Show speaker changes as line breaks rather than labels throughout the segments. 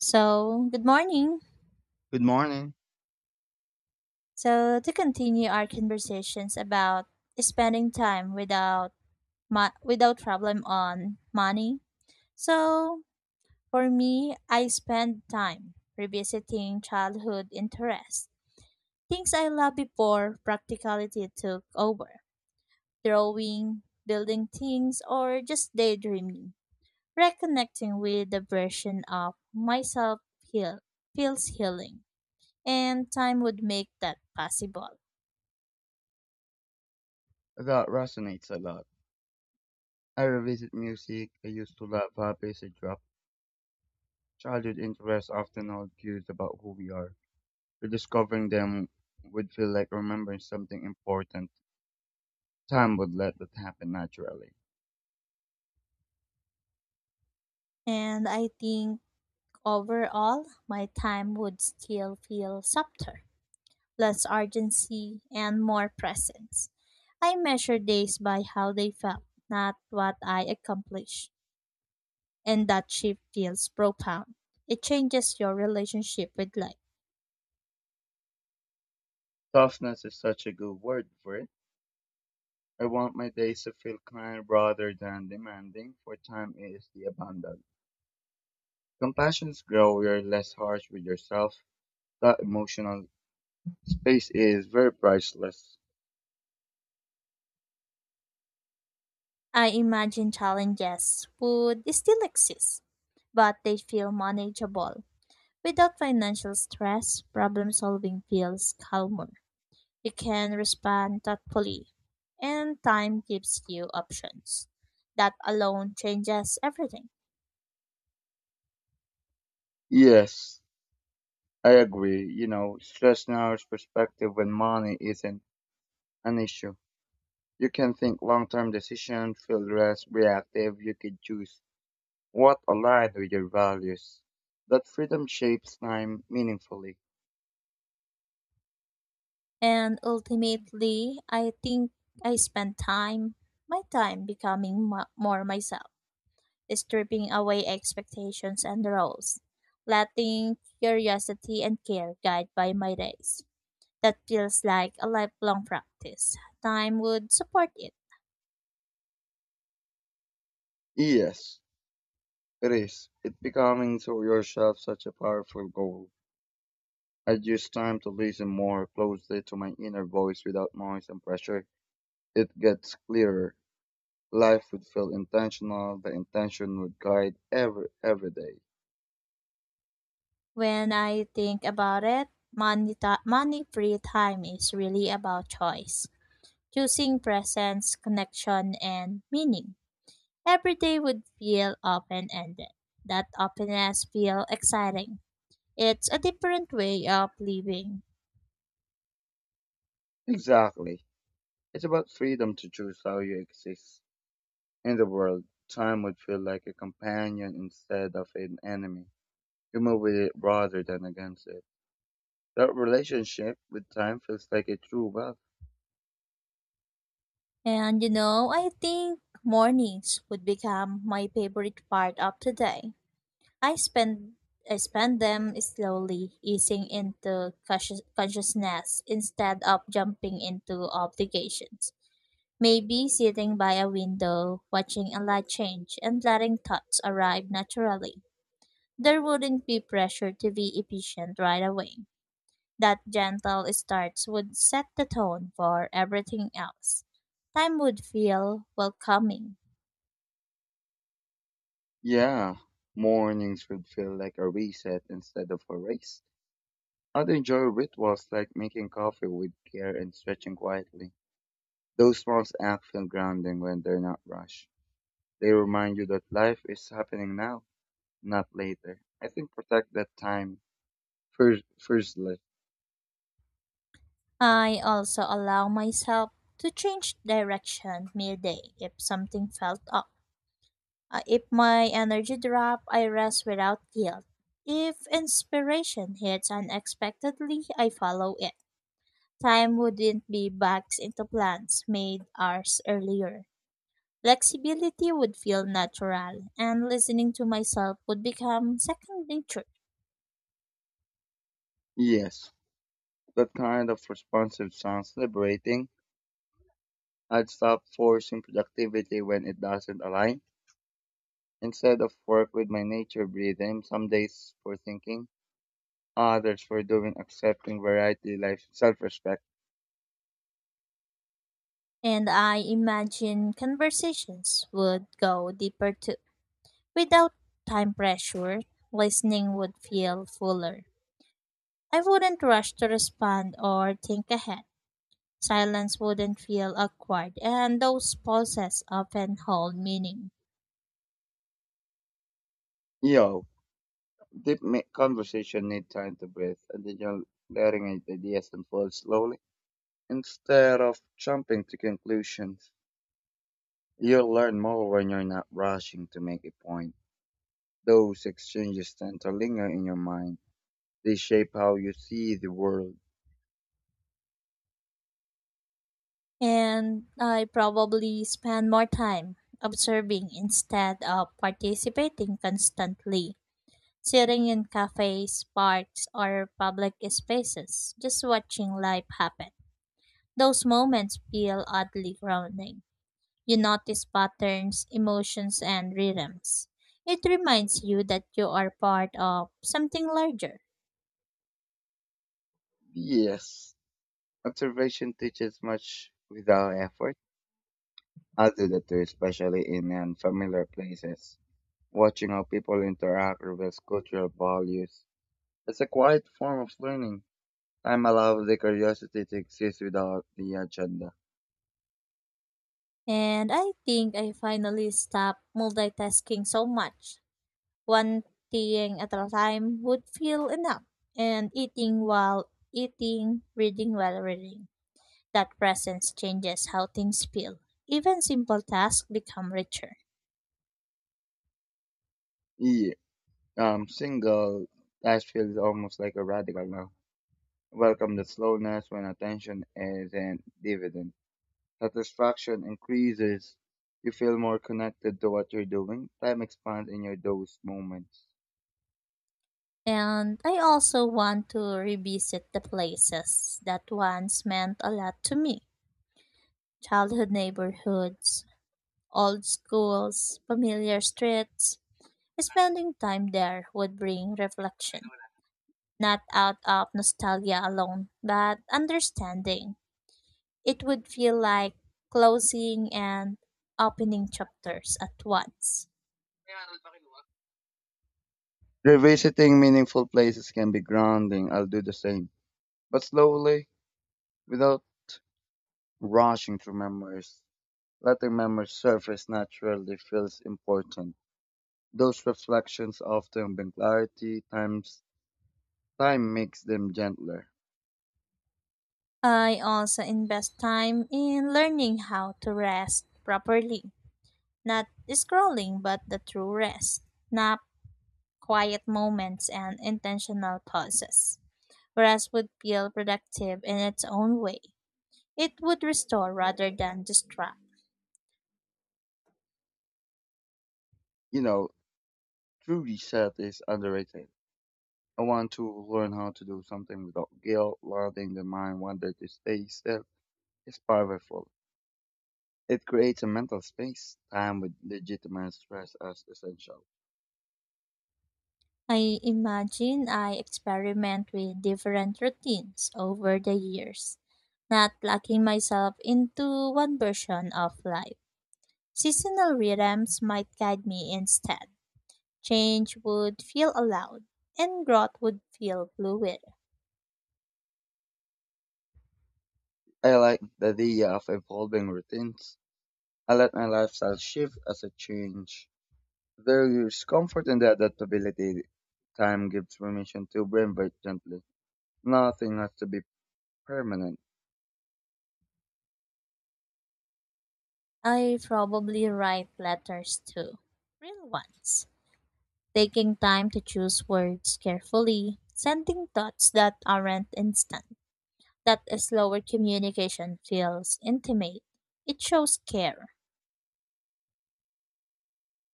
So, good morning.
Good morning.
So, to continue our conversations about spending time without without problem on money. So, for me, I spend time revisiting childhood interests. Things I loved before practicality took over. Drawing, building things, or just daydreaming. Reconnecting with the version of myself feels healing, and time would make that possible.
That resonates a lot. I revisit music I used to love, habits I dropped. Childhood interests often hold clues about who we are. Rediscovering them would feel like remembering something important. Time would let that happen naturally.
And I think overall, my time would still feel softer, less urgency, and more presence. I measure days by how they felt, not what I accomplished. And that shift feels profound. It changes your relationship with life.
Softness is such a good word for it. I want my days to feel kind rather than demanding, for time is the abundant. Compassions grow, you're less harsh with yourself. That emotional space is very priceless.
I imagine challenges would still exist, but they feel manageable. Without financial stress, problem solving feels calmer. You can respond thoughtfully, and time gives you options. That alone changes everything.
Yes, I agree. You know, stress narrows perspective when money isn't an issue. You can think long-term decision, feel less reactive. You can choose what aligns with your values. That freedom shapes time meaningfully.
And ultimately, I think I spend time, my time becoming more myself, stripping away expectations and roles, letting curiosity and care guide by my days. That feels like a lifelong practice. Time would support it.
Yes, it is. It becoming to yourself such a powerful goal. I use time to listen more closely to my inner voice without noise and pressure. It gets clearer. Life would feel intentional. The intention would guide every day.
When I think about it, money, money free time is really about choice, choosing presence, connection, and meaning. Every day would feel open ended. That openness feel exciting. It's a different way of living.
Exactly. It's about freedom to choose how you exist in the world. Time would feel like a companion instead of an enemy. You move with it rather than against it. That relationship with time feels like a true wealth.
I think mornings would become my favorite part of the day. I spend I spend them slowly, easing into consciousness instead of jumping into obligations. Maybe sitting by a window, watching a light change, and letting thoughts arrive naturally. There wouldn't be pressure to be efficient right away. That gentle starts would set the tone for everything else. Time would feel welcoming.
Yeah, mornings would feel like a reset instead of a race. I'd enjoy rituals like making coffee with care and stretching quietly. Those small acts feel grounding when they're not rushed. They remind you that life is happening now, not later. I think protect that time. Firstly.
I also allow myself to change direction midday if something felt off. If my energy drop, I rest without guilt. If inspiration hits unexpectedly, I follow it. Time wouldn't be backed into plans made hours earlier. Flexibility would feel natural, and listening to myself would become second nature.
Yes. That kind of responsive sounds liberating. I'd stop forcing productivity when it doesn't align. Instead of work with my nature breathing, some days for thinking, others for doing, accepting variety life self-respect.
And I imagine conversations would go deeper too. Without time pressure, listening would feel fuller. I wouldn't rush to respond or think ahead. Silence wouldn't feel awkward, and those pauses often hold meaning.
Yo, deep conversation need time to breathe, and then you're letting ideas unfold slowly instead of jumping to conclusions. You'll learn more when you're not rushing to make a point. Those exchanges tend to linger in your mind. They shape how you see the world.
And I probably spend more time observing instead of participating constantly. Sitting in cafes, parks, or public spaces, just watching life happen. Those moments feel oddly grounding. You notice patterns, emotions, and rhythms. It reminds you that you are part of something larger.
Yes, observation teaches much without effort. I do that too, especially in unfamiliar places. Watching how people interact reveals cultural values. It's a quiet form of learning. Time allows the curiosity to exist without the agenda.
And I think I finally stopped multitasking so much. One thing at a time would feel enough. And eating while eating, reading while reading. That presence changes how things feel. Even simple tasks become richer.
Yeah, I'm single. That feels almost like a radical now. Welcome the slowness when attention is in dividend. Satisfaction increases. You feel more connected to what you're doing. Time expands in your those moments.
And I also want to revisit the places that once meant a lot to me, childhood neighborhoods, old schools, familiar streets. Spending time there would bring reflection, not out of nostalgia alone, but understanding. It would feel like closing and opening chapters at once.
Revisiting meaningful places can be grounding. I'll do the same, but slowly, without rushing through memories. Letting memories surface naturally feels important. Those reflections often bring clarity, time makes them gentler.
I also invest time in learning how to rest properly, not scrolling, but the true rest, nap, quiet moments, and intentional pauses. Rest would feel productive in its own way. It would restore rather than distract.
You know, truly Seth is underrated. I want to learn how to do something without guilt. Letting the mind wander to stay still is powerful. It creates a mental space, time with legitimate stress as essential.
I imagine I experiment with different routines over the years, not locking myself into one version of life. Seasonal rhythms might guide me instead. Change would feel allowed, and growth would feel fluid.
I like the idea of evolving routines. I let my lifestyle shift as I change. There is comfort in the adaptability. Time gives permission to reinvent gently. Nothing has to be permanent.
I probably write letters too, real ones, taking time to choose words carefully, sending thoughts that aren't instant. That slower communication feels intimate. It shows care.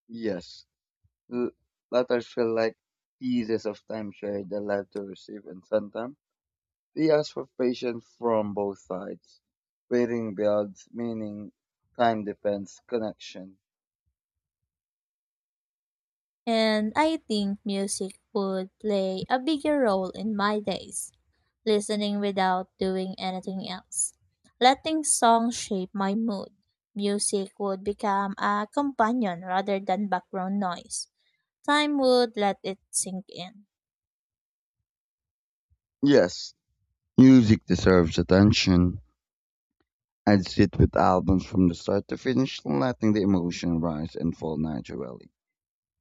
Yes, L- letters feel like pieces of time shared that left to receive, and sometimes they ask for patience from both sides. Waiting builds meaning, time depends connection.
And I think music would play a bigger role in my days, listening without doing anything else. Letting songs shape my mood. Music would become a companion rather than background noise. Time would let it sink in.
Yes, music deserves attention. I'd sit with albums from the start to finish, letting the emotion rise and fall naturally.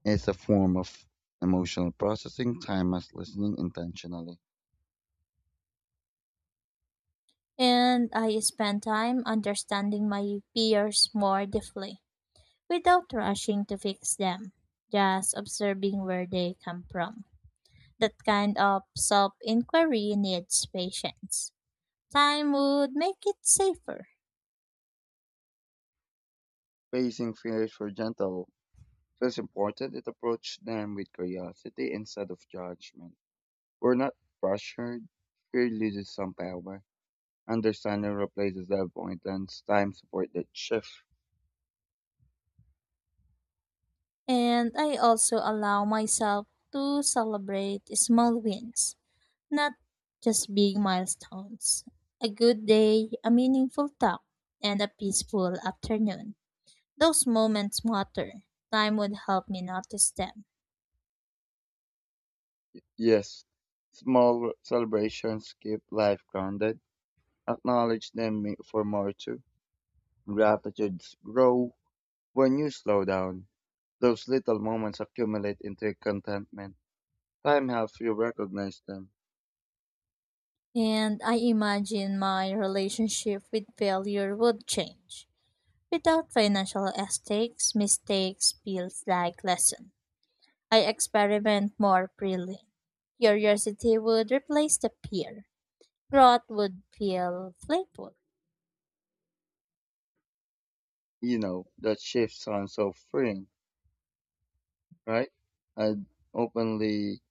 It's a form of emotional processing, time as listening intentionally.
And I spend time understanding my fears more deeply without rushing to fix them, just observing where they come from. That kind of self inquiry needs patience. Time would make it safer.
Pacing feels for gentle. So it's important is approach them with curiosity instead of judgment. We're not pressured. Fear loses some power. Understanding replaces the avoidance. Time support that shift.
And I also allow myself to celebrate small wins, not just big milestones. A good day, a meaningful talk, and a peaceful afternoon. Those moments matter. Time would help me notice them.
Yes, small celebrations keep life grounded. Acknowledge for more too. Gratitudes grow when you slow down. Those little moments accumulate into contentment. Time helps you recognize them.
And I imagine my relationship with failure would change. Without financial stakes, mistakes feels like lesson. I experiment more freely. Curiosity would replace the fear. Growth would feel playful.
You know, that shift sounds so freeing, right? I'd openly,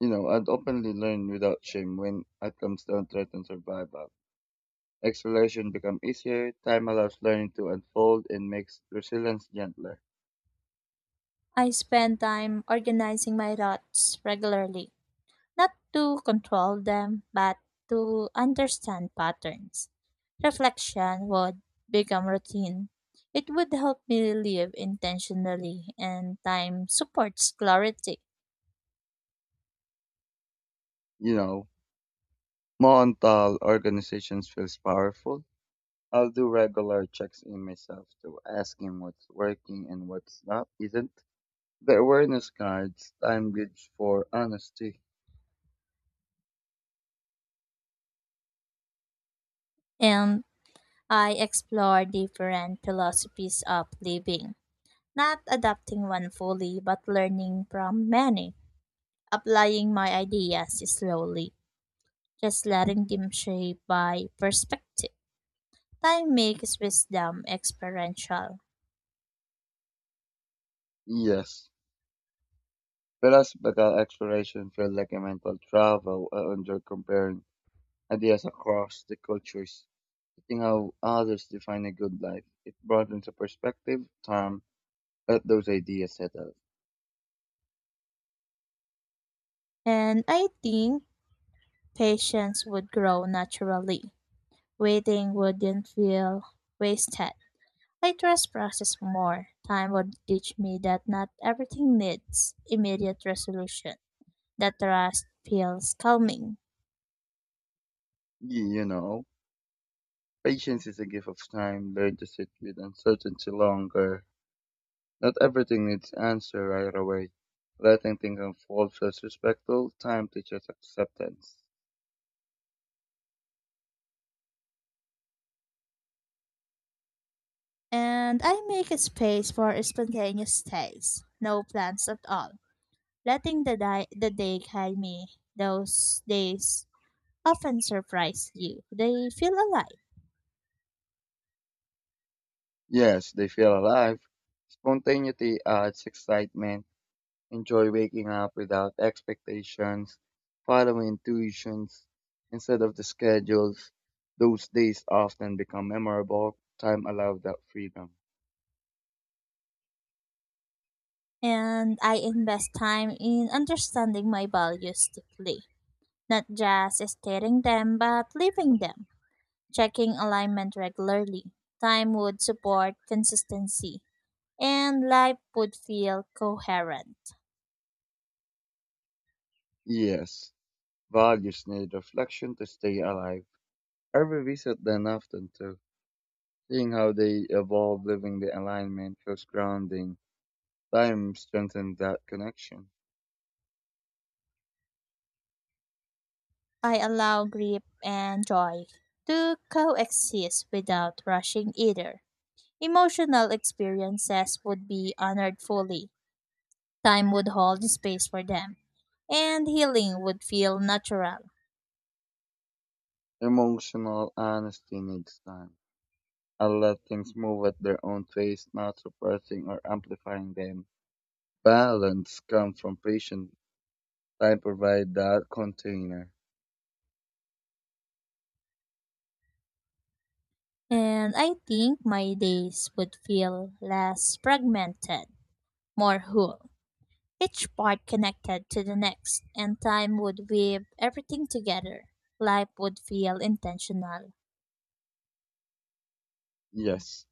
I'd openly learn without shame when outcomes don't threaten survival. Exploration becomes easier, time allows learning to unfold and makes resilience gentler.
I spend time organizing my thoughts regularly, not to control them, but to understand patterns. Reflection would become routine. It would help me live intentionally, and time supports clarity.
You know, mental organizations feels powerful. I'll do regular checks in myself to ask him what's working and what's not isn't. The awareness guides time gives for honesty.
And I explore different philosophies of living, not adopting one fully, but learning from many, applying my ideas slowly, just letting them shape my perspective. Time makes wisdom experiential.
Yes. Whereas bagal exploration feel like a mental travel under comparing ideas across the cultures. Seeing how others define a good life, it brought into perspective time let those ideas settle.
And I think patience would grow naturally. Waiting wouldn't feel wasted. I trust process more. Time would teach me that not everything needs immediate resolution. That trust feels calming.
You know, patience is a gift of time. Learn to sit with uncertainty longer. Not everything needs answer right away. Letting things unfold feels respectful. Time teaches acceptance.
And I make a space for spontaneous days. No plans at all. Letting the day guide me. Those days often surprise you. They feel alive.
Yes, they feel alive. Spontaneity adds excitement. Enjoy waking up without expectations, following intuitions instead of the schedules. Those days often become memorable. Time allowed that freedom.
And I invest time in understanding my values deeply, not just stating them but living them, checking alignment regularly. Time would support consistency, and life would feel coherent.
Yes, values need reflection to stay alive. Every visit then often too. Seeing how they evolve, living the alignment feels grounding. Time strengthens that connection.
I allow grief and joy to coexist without rushing either. Emotional experiences would be honored fully. Time would hold space for them, and healing would feel natural.
Emotional honesty needs time. I'll let things move at their own pace, not suppressing or amplifying them. Balance comes from patience. I provide that container.
And I think my days would feel less fragmented, more whole, each part connected to the next, and time would weave everything together. Life would feel intentional.
Yes,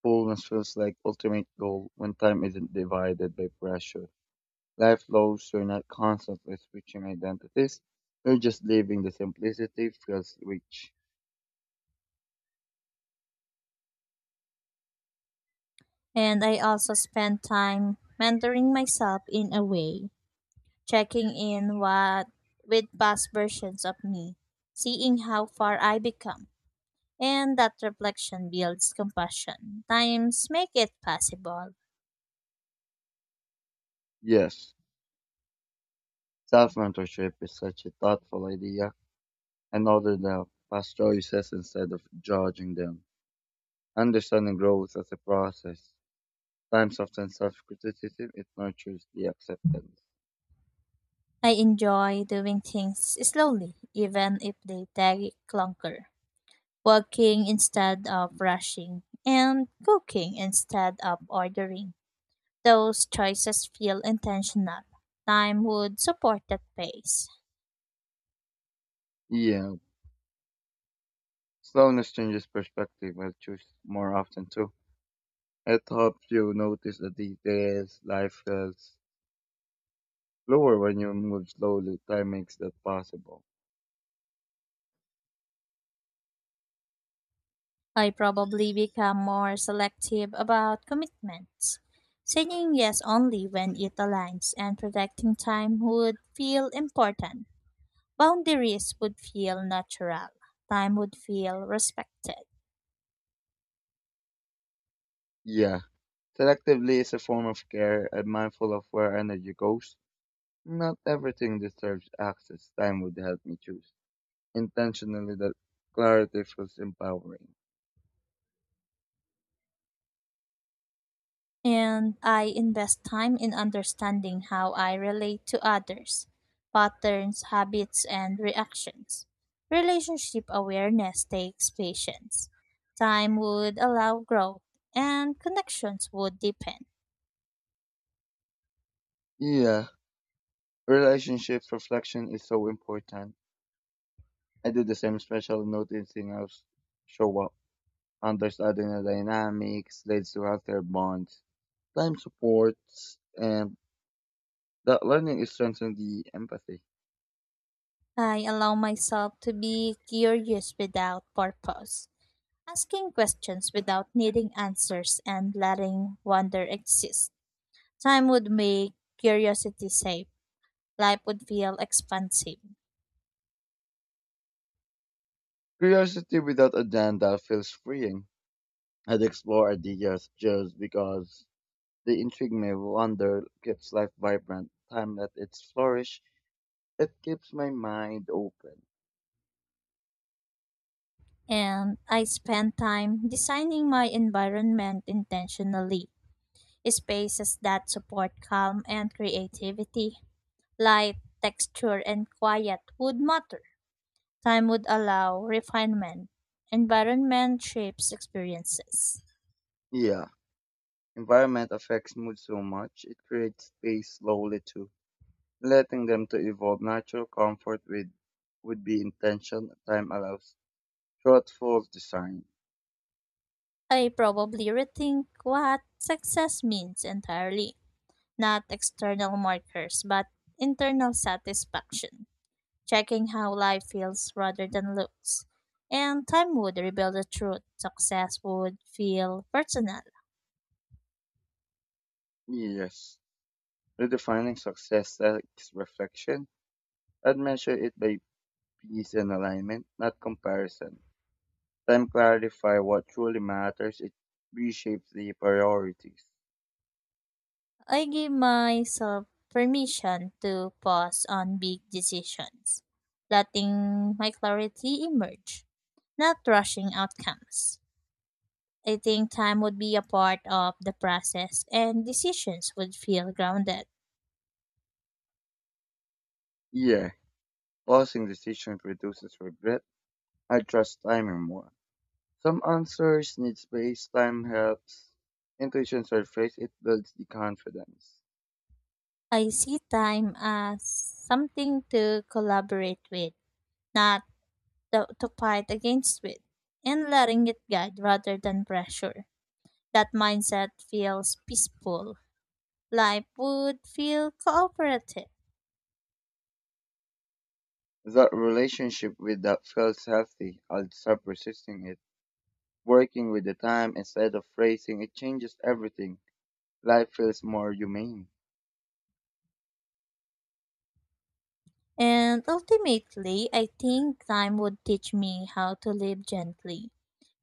fullness feels like ultimate goal when time isn't divided by pressure. Life flows, so you're not constantly switching identities. You're just living the simplicity feels rich.
And I also spend time mentoring myself in a way, checking in what with past versions of me, seeing how far I become. And that reflection builds compassion. Times make it possible.
Yes, self-mentorship is such a thoughtful idea. And another the past choices instead of judging them. Understanding growth as a process. Times often self-criticism, it nurtures the acceptance.
I enjoy doing things slowly, even if they take longer. Walking instead of rushing, and cooking instead of ordering. Those choices feel intentional. Time would support that pace.
Yeah, slowness changes perspective. I choose more often too. It helps you notice the details. Life feels slower when you move slowly. Time makes that possible.
I probably become more selective about commitments. Saying yes only when it aligns and protecting time would feel important. Boundaries would feel natural. Time would feel respected.
Yeah. Selectively is a form of care. I'm mindful of where energy goes. Not everything deserves access. Time would help me choose intentionally, that clarity feels empowering.
And I invest time in understanding how I relate to others, patterns, habits, and reactions. Relationship awareness takes patience. Time would allow growth, and connections would deepen.
Yeah. Relationships reflection is so important. I do the same, especially noticing how show up. Understanding the dynamics leads to healthier bonds, time supports, and that learning is strengthening the empathy.
I allow myself to be curious without purpose, asking questions without needing answers, and letting wonder exist. Time would make curiosity safe. Life would feel expansive.
Curiosity without agenda feels freeing. I'd explore ideas just because they intrigue me. Wonder keeps life vibrant. Time that it's flourish, it keeps my mind open.
And I spend time designing my environment intentionally. Spaces that support calm and creativity, light, texture, and quiet would matter. Time would allow refinement. Environment shapes experiences.
Yeah, environment affects mood so much. It creates space slowly too. Letting them to evolve natural comfort with would be intention time allows. Thoughtful design.
I probably rethink what success means entirely, not external markers, but internal satisfaction, checking how life feels rather than looks. And time would reveal the truth. Success would feel personal.
Yes. Redefining success as reflection. I'd measure it by peace and alignment, not comparison. Time clarify what truly matters. It reshapes the priorities.
I give myself permission to pause on big decisions, letting my clarity emerge, not rushing outcomes. I think time would be a part of the process and decisions would feel grounded.
Yeah. Pausing decisions reduces regret. I trust timing more. Some answers need space. Time helps. Intuition surface. It builds the confidence.
I see time as something to collaborate with, not to fight against it and letting it guide rather than pressure. That mindset feels peaceful. Life would feel cooperative.
That relationship with that feels healthy. I'll stop resisting it. Working with the time instead of racing, it changes everything. Life feels more humane.
And ultimately, I think time would teach me how to live gently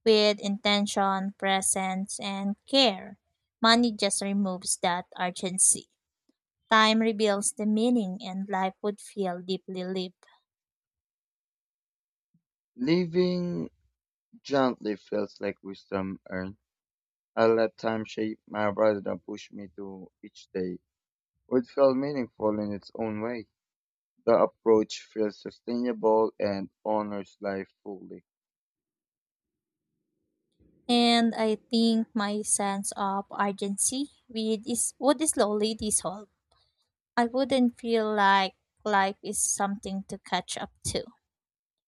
with intention, presence, and care. Money just removes that urgency. Time reveals the meaning, and life would feel deeply lived.
Living gently feels like wisdom earned. I let time shape my rather than push me to each day. It felt meaningful in its own way. The approach feels sustainable and honors life fully.
And I think my sense of urgency would slowly dissolve. I wouldn't feel like life is something to catch up to.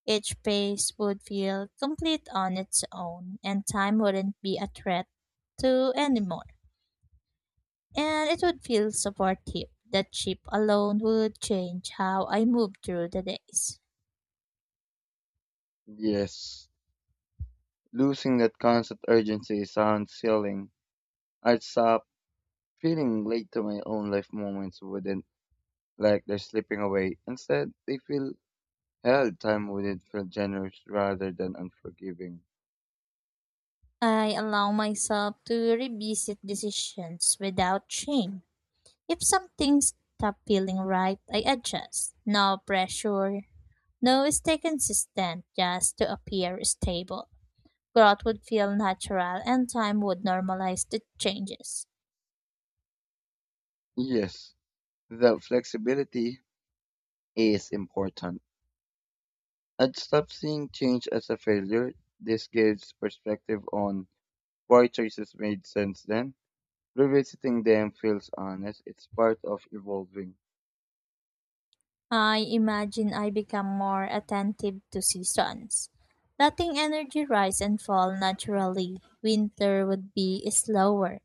Each pace would feel complete on its own, and time wouldn't be a threat to anymore. And it would feel supportive. The chip alone would change how I move through the days.
Yes, losing that constant urgency sounds sealing. I stop feeling late to my own life moments wouldn't like they're slipping away. Instead, they feel hell, time wouldn't feel generous rather than unforgiving.
I allow myself to revisit decisions without shame. If something stops feeling right, I adjust. No pressure. No stay consistent just to appear stable. Growth would feel natural and time would normalize the changes.
Yes, that flexibility is important. I'd stop seeing change as a failure. This gives perspective on why choices made sense then. Revisiting them feels honest. It's part of evolving.
I imagine I become more attentive to seasons, letting energy rise and fall naturally. Winter would be slower,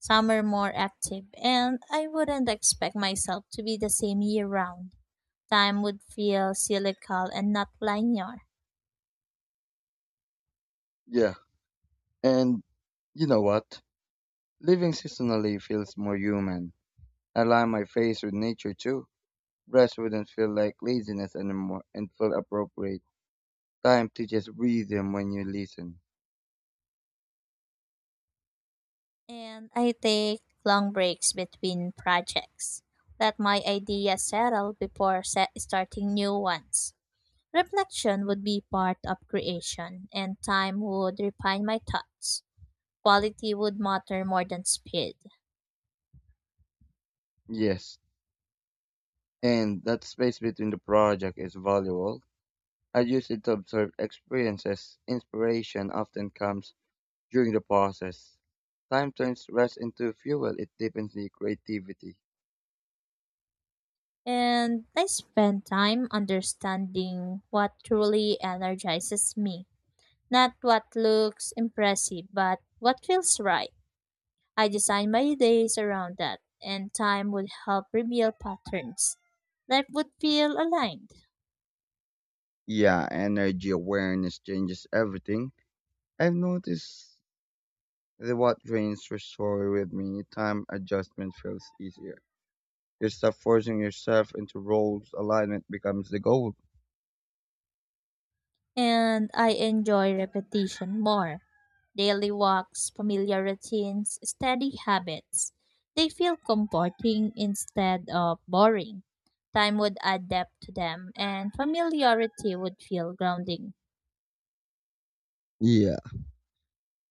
summer more active, and I wouldn't expect myself to be the same year round. Time would feel cyclical and not linear.
Yeah, and you know what? Living seasonally feels more human. Align my face with nature too. Rest wouldn't feel like laziness anymore and feel appropriate. Time to just breathe in when you listen.
And I take long breaks between projects. Let my ideas settle before set starting new ones. Reflection would be part of creation, and time would refine my thoughts. Quality would matter more than speed.
Yes, and that space between the project is valuable. I use it to observe experiences. Inspiration often comes during the process. Time turns rest into fuel. It deepens the creativity.
And I spend time understanding what truly energizes me. Not what looks impressive, but what feels right. I designed my days around that, and time would help reveal patterns. Life would feel aligned.
Yeah, energy awareness changes everything. I've noticed that what drains your story with me, time adjustment feels easier. You stop forcing yourself into roles. Alignment becomes the goal.
And I enjoy repetition more. Daily walks, familiar routines, steady habits. They feel comforting instead of boring. Time would add depth to them, and familiarity would feel grounding.
Yeah.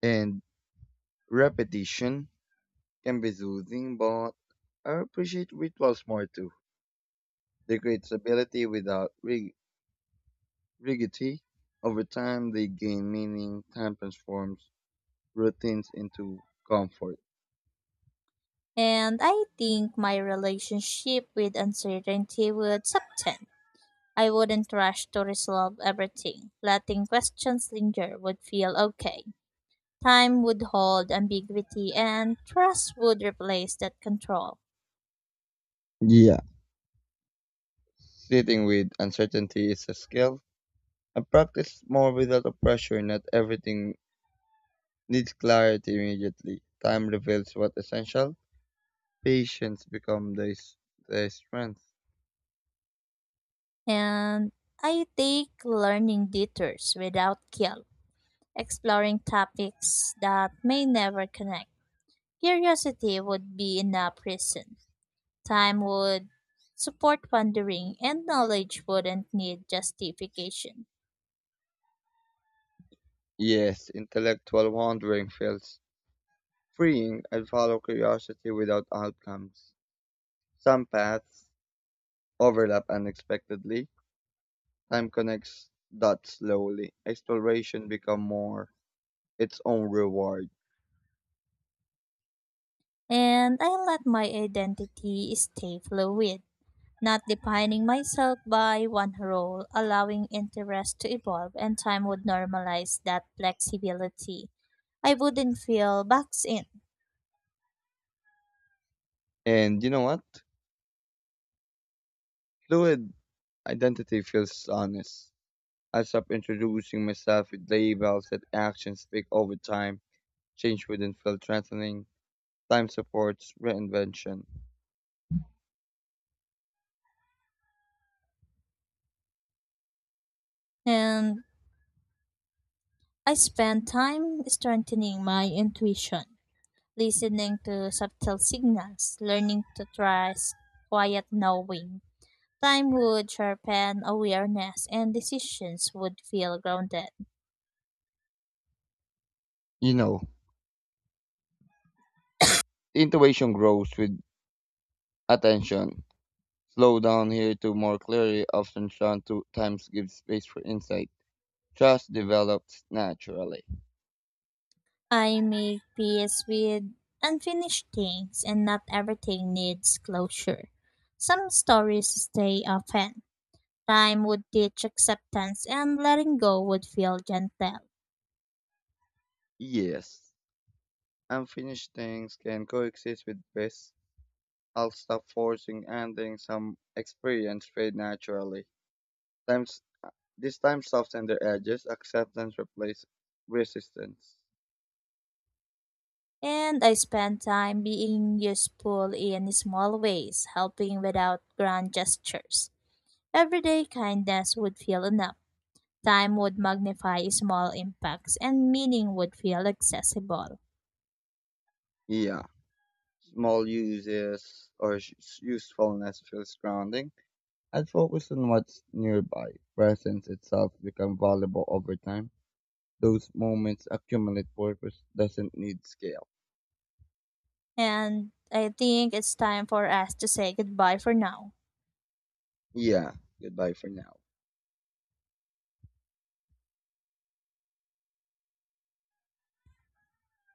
And repetition can be soothing, but I appreciate rituals more too. They create stability without rigidity. Over time, they gain meaning. Time transforms routines into comfort.
And I think my relationship with uncertainty would soften. I wouldn't rush to resolve everything. Letting questions linger would feel okay. Time would hold ambiguity and trust would replace that control.
Yeah. Sitting with uncertainty is a skill. I practice more without a pressure. Not everything needs clarity immediately. Time reveals what's essential. Patience becomes the strength.
And I take learning detours without guilt, exploring topics that may never connect. Curiosity would be enough reason. Time would support wandering and knowledge wouldn't need justification.
Yes, intellectual wandering feels freeing, and follow curiosity without outcomes. Some paths overlap unexpectedly. Time connects dots slowly. Exploration become more its own reward.
And I let my identity stay fluid. Not defining myself by one role, allowing interest to evolve, and time would normalize that flexibility. I wouldn't feel boxed in.
And you know what? Fluid identity feels honest. I stop introducing myself with labels that actions speak over time. Change wouldn't feel threatening. Time supports reinvention.
And I spend time strengthening my intuition, listening to subtle signals, learning to trust quiet knowing. Time would sharpen awareness, and decisions would feel grounded.
You know, intuition grows with attention. Slow down here to more clearly, often Sean two times gives space for insight. Trust develops naturally.
I make peace with unfinished things, and not everything needs closure. Some stories stay open. Time would teach acceptance, and letting go would feel gentle.
Yes, unfinished things can coexist with bliss. I'll stop forcing endings. Some experience fade naturally. Times this time soften their edges. Acceptance replaces resistance.
And I spend time being useful in small ways, helping without grand gestures. Everyday kindness would feel enough. Time would magnify small impacts, and meaning would feel accessible.
Yeah, small uses or usefulness feels grounding. I'd focus on what's nearby. Presence itself become valuable over time. Those moments accumulate. Purpose doesn't need scale.
And I think it's time for us to say goodbye for now.
Yeah. Goodbye for now.